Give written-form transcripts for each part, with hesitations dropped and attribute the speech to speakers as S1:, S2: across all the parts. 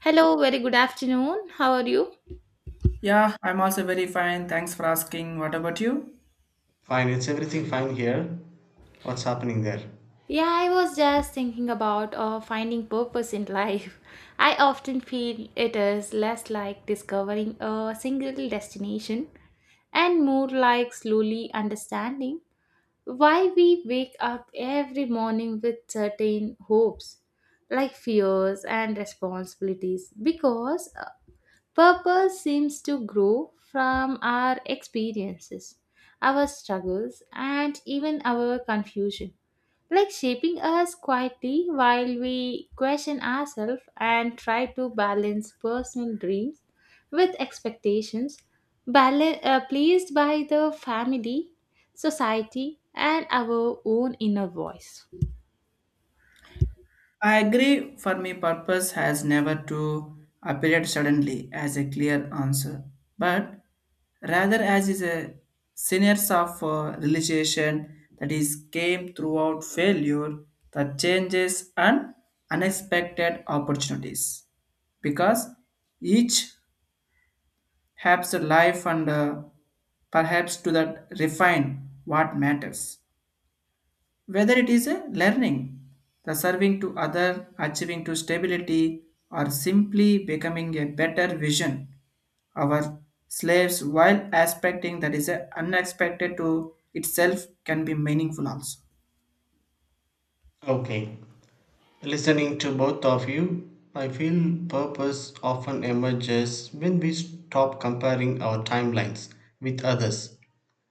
S1: Hello, very good afternoon. How are you?
S2: Yeah, I'm also very fine. Thanks for asking. What about you?
S3: Fine, it's everything fine here. What's happening there?
S1: Yeah, I was just thinking about finding purpose in life. I often feel it is less like discovering a single destination and more like slowly understanding why we wake up every morning with certain hopes, like fears and responsibilities, because Purpose seems to grow from our experiences, our struggles, and even our confusion, like shaping us quietly while we question ourselves and try to balance personal dreams with expectations placed by the family, society, and our own inner voice.
S2: I agree. For me, purpose has never to appear suddenly as a clear answer, but rather as is a series of realization that is came throughout failure, the changes and unexpected opportunities. Because each helps the life and perhaps to that refine what matters. Whether it is a learning, the serving to other, achieving to stability, or simply becoming a better vision, our slaves while aspecting that is a unexpected to itself can be meaningful also.
S3: Okay. Listening to both of you, I feel purpose often emerges when we stop comparing our timelines with others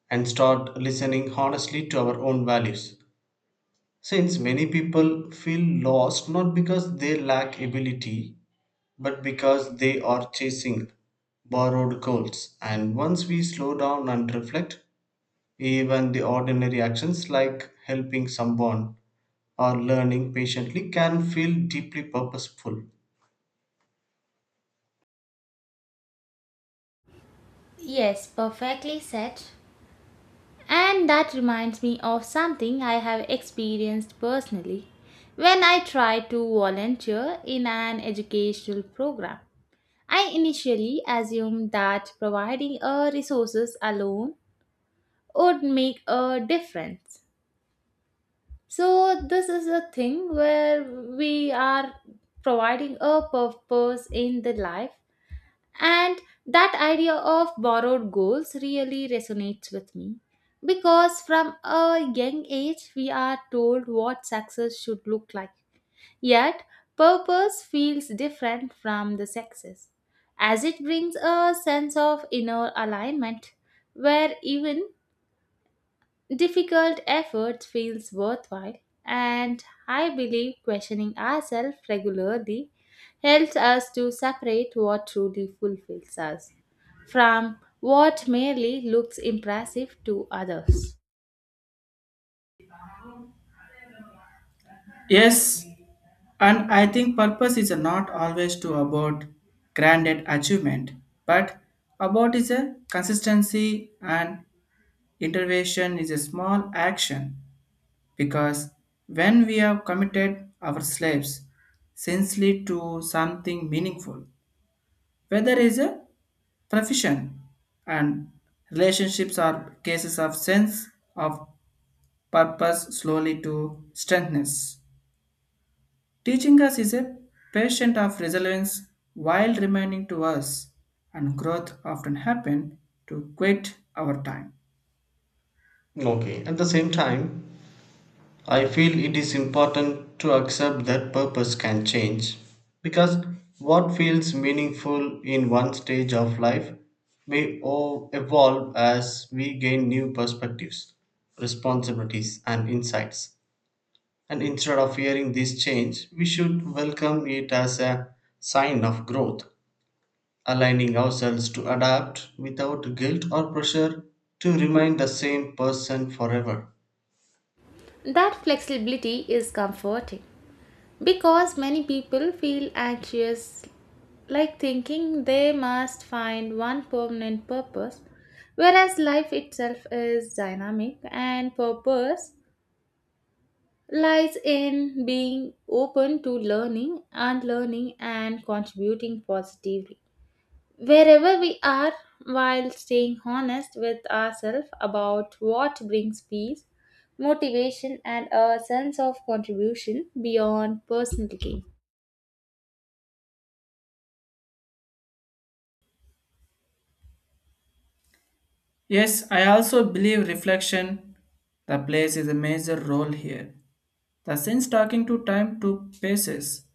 S3: and start listening honestly to our own values. Since many people feel lost not because they lack ability but because they are chasing borrowed goals. And once we slow down and reflect, even the ordinary actions like helping someone or learning patiently can feel deeply purposeful.
S1: Yes, perfectly said. And that reminds me of something I have experienced personally when I tried to volunteer in an educational program. I initially assumed that providing a resources alone would make a difference. So this is a thing where we are providing a purpose in the life, and that idea of borrowed goals really resonates with me because from a young age we are told what success should look like. Yet, purpose feels different from the success as it brings a sense of inner alignment where even difficult effort feels worthwhile, and I believe questioning ourselves regularly helps us to separate what truly fulfills us from what merely looks impressive to others.
S2: Yes, and I think purpose is not always to about grand achievement, but about is a consistency and intervention is a small action because when we have committed ourselves sincerely to something meaningful, whether is a profession and relationships are cases of sense of purpose slowly to strengthness. Teaching us is a patient of resilience while remaining to us, and growth often happen to quit our time.
S3: Okay, at the same time, I feel it is important to accept that purpose can change because what feels meaningful in one stage of life may evolve as we gain new perspectives, responsibilities, and insights. And instead of fearing this change, we should welcome it as a sign of growth, aligning ourselves to adapt without guilt or pressure to remain the same person forever.
S1: That flexibility is comforting because many people feel anxious, like thinking they must find one permanent purpose, whereas life itself is dynamic and purpose lies in being open to learning and learning and contributing positively wherever we are, while staying honest with ourselves about what brings peace, motivation, and a sense of contribution beyond personal gain.
S2: Yes, I also believe reflection the plays is a major role here. The since talking to time to paces,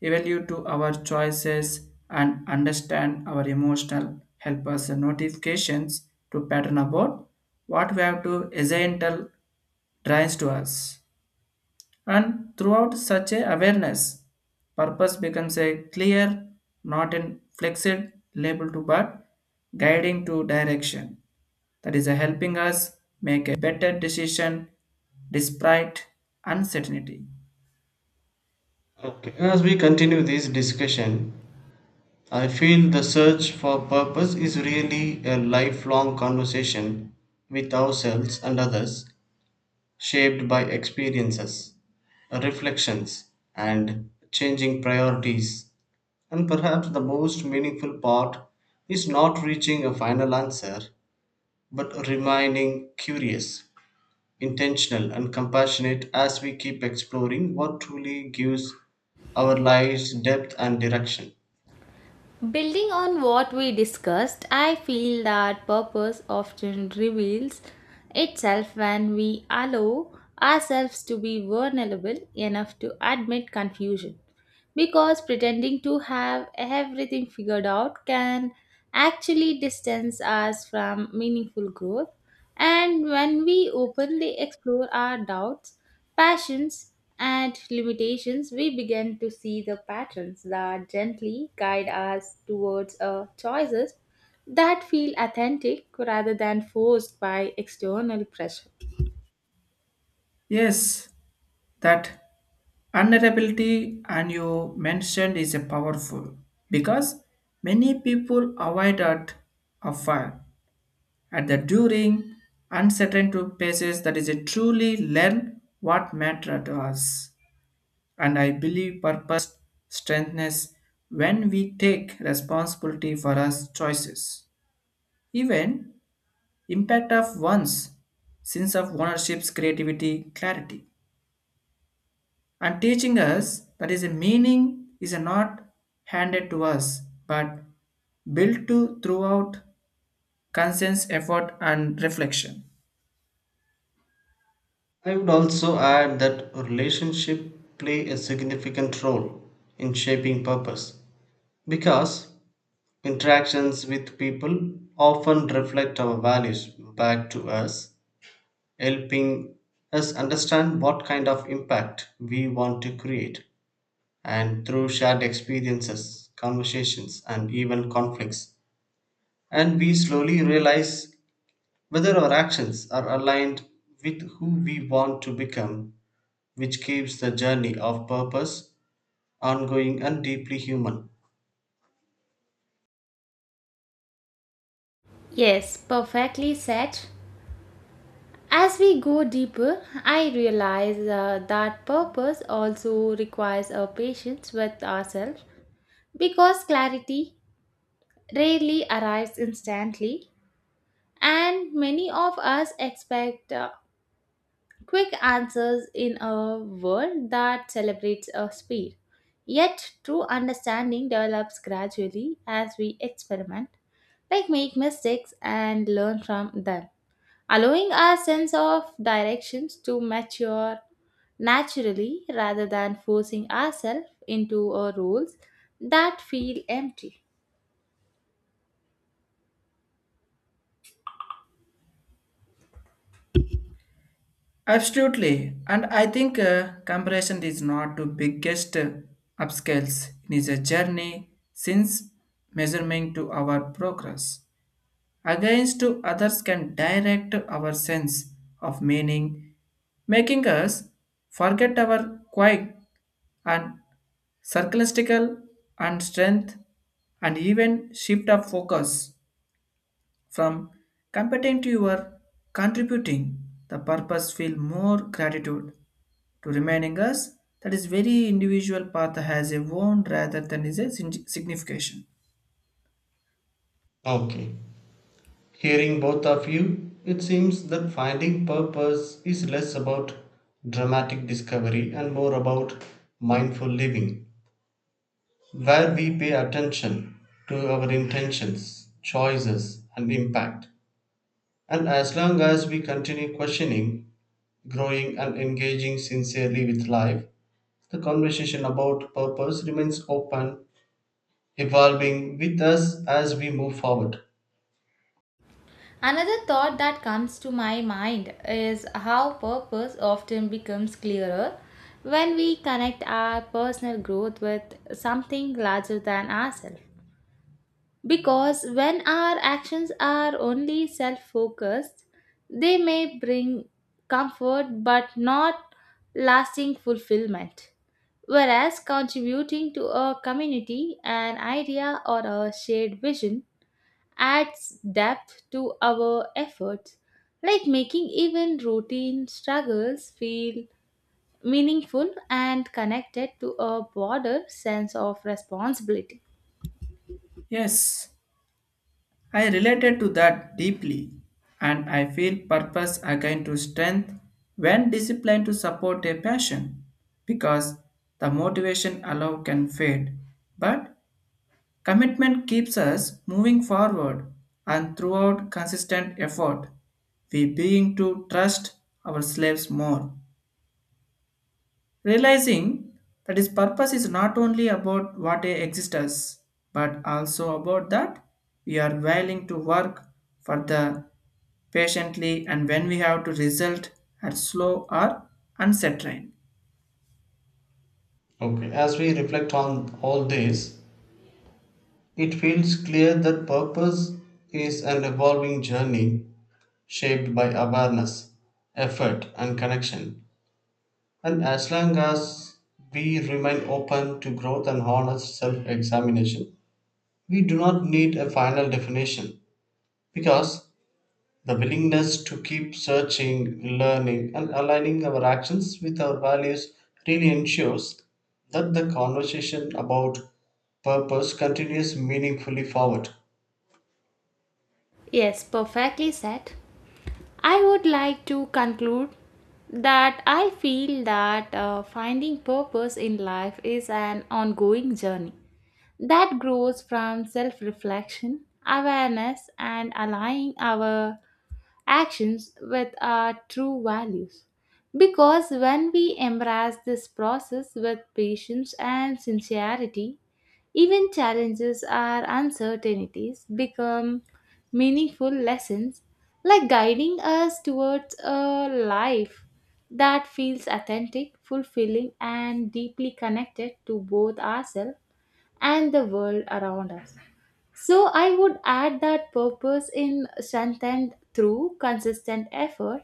S2: evaluate to our choices and understand our emotional help us notifications to pattern about what we have to essential drives to us. And throughout such a awareness, purpose becomes a clear, not an flexed label to but guiding to direction that is helping us make a better decision despite uncertainty.
S3: Okay, as we continue this discussion, I feel the search for purpose is really a lifelong conversation with ourselves and others, shaped by experiences, reflections, and changing priorities. And perhaps the most meaningful part is not reaching a final answer, but remaining curious, intentional and compassionate as we keep exploring what truly gives our lives depth and direction.
S1: Building on what we discussed, I feel that purpose often reveals itself when we allow ourselves to be vulnerable enough to admit confusion. Because pretending to have everything figured out can actually distance us from meaningful growth. And when we openly explore our doubts, passions, and limitations, we begin to see the patterns that gently guide us towards choices that feel authentic rather than forced by external pressure.
S2: Yes, that vulnerability and you mentioned is a powerful because many people avoid at a fire at the during uncertain to places that is a truly learn what matter to us, and I believe purpose strengthens when we take responsibility for our choices, even impact of one's sense of ownership's creativity clarity and teaching us that is a meaning is not handed to us but built to throughout conscious effort and reflection.
S3: I would also add that relationships play a significant role in shaping purpose because interactions with people often reflect our values back to us, helping us understand what kind of impact we want to create. And through shared experiences, conversations, and even conflicts, and we slowly realize whether our actions are aligned with who we want to become, which keeps the journey of purpose ongoing and deeply human.
S1: Yes, perfectly said. As we go deeper, I realize that purpose also requires a patience with ourselves because clarity rarely arrives instantly, and many of us expect quick answers in a world that celebrates speed. Yet, true understanding develops gradually as we experiment, like make mistakes and learn from them, allowing our sense of directions to mature naturally rather than forcing ourselves into roles that feel empty.
S2: Absolutely, and I think comparison is not the biggest upscales it is a journey since measurement to our progress against to others can direct our sense of meaning, making us forget our quiet and circumstantial and strength and even shift of focus from competing to your contributing. The purpose feel more gratitude to reminding us that is very individual path has a own rather than is a signification.
S3: Okay. Hearing both of you, it seems that finding purpose is less about dramatic discovery and more about mindful living, where we pay attention to our intentions, choices, and impact. And as long as we continue questioning, growing and engaging sincerely with life, the conversation about purpose remains open, evolving with us as we move forward.
S1: Another thought that comes to my mind is how purpose often becomes clearer when we connect our personal growth with something larger than ourselves. Because when our actions are only self focused, they may bring comfort but not lasting fulfillment. Whereas contributing to a community, an idea, or a shared vision adds depth to our efforts, like making even routine struggles feel meaningful and connected to a broader sense of responsibility.
S2: Yes, I related to that deeply, and I feel purpose again to strength when discipline to support a passion because the motivation alone can fade but commitment keeps us moving forward, and throughout consistent effort, we begin to trust our slaves more, realizing that his purpose is not only about what exists, exist but also about that we are willing to work for the patiently and when we have to result at slow or uncertain.
S3: Okay, as we reflect on all this, it feels clear that purpose is an evolving journey shaped by awareness, effort, and connection. And as long as we remain open to growth and honest self examination, we do not need a final definition, because the willingness to keep searching, learning, and aligning our actions with our values really ensures that the conversation about purpose continues meaningfully forward.
S1: Yes, perfectly said. I would like to conclude that I feel that finding purpose in life is an ongoing journey that grows from self reflection, awareness, and aligning our actions with our true values. Because when we embrace this process with patience and sincerity, even challenges or uncertainties become meaningful lessons, like guiding us towards a life that feels authentic, fulfilling, and deeply connected to both ourselves and the world around us. So I would add that purpose in strengthened through consistent effort,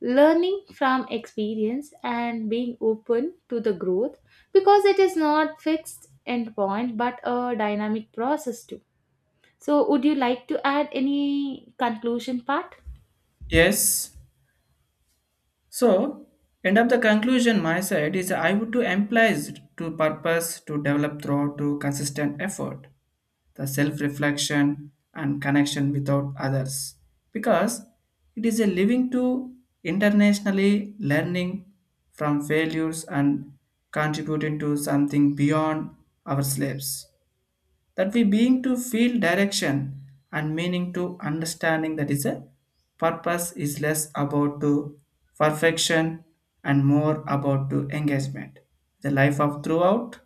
S1: learning from experience and being open to the growth because it is not fixed end point but a dynamic process too. So would you like to add any conclusion part?
S2: Yes, so, end of the conclusion, my side is I would to implies to purpose to develop through to consistent effort, the self-reflection and connection without others, because it is a living to internationally learning from failures and contributing to something beyond our slaves that we being to feel direction and meaning to understanding that is a purpose is less about to perfection and more about to engagement the life of throughout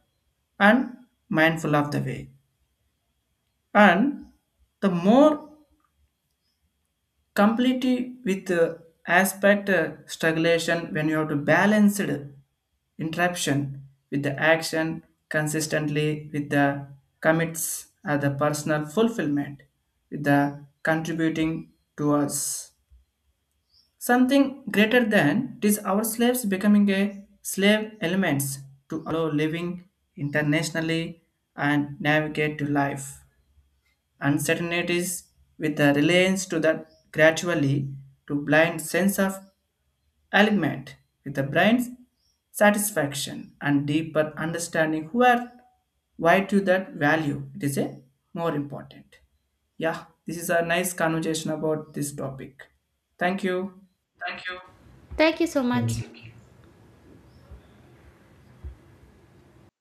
S2: and mindful of the way and the more completely with aspect strugglation when you have to balance it, interruption with the action consistently with the commits or the personal fulfillment with the contributing to us something greater than it is our slaves becoming a slave elements to allow living internationally and navigate to life uncertainties with the reliance to the gradually to blind sense of alignment with the brain's satisfaction and deeper understanding who are why to that value it is a more important. Yeah, this is a nice conversation about this topic. Thank you.
S1: Thank you so
S3: Thank
S1: much.
S3: you.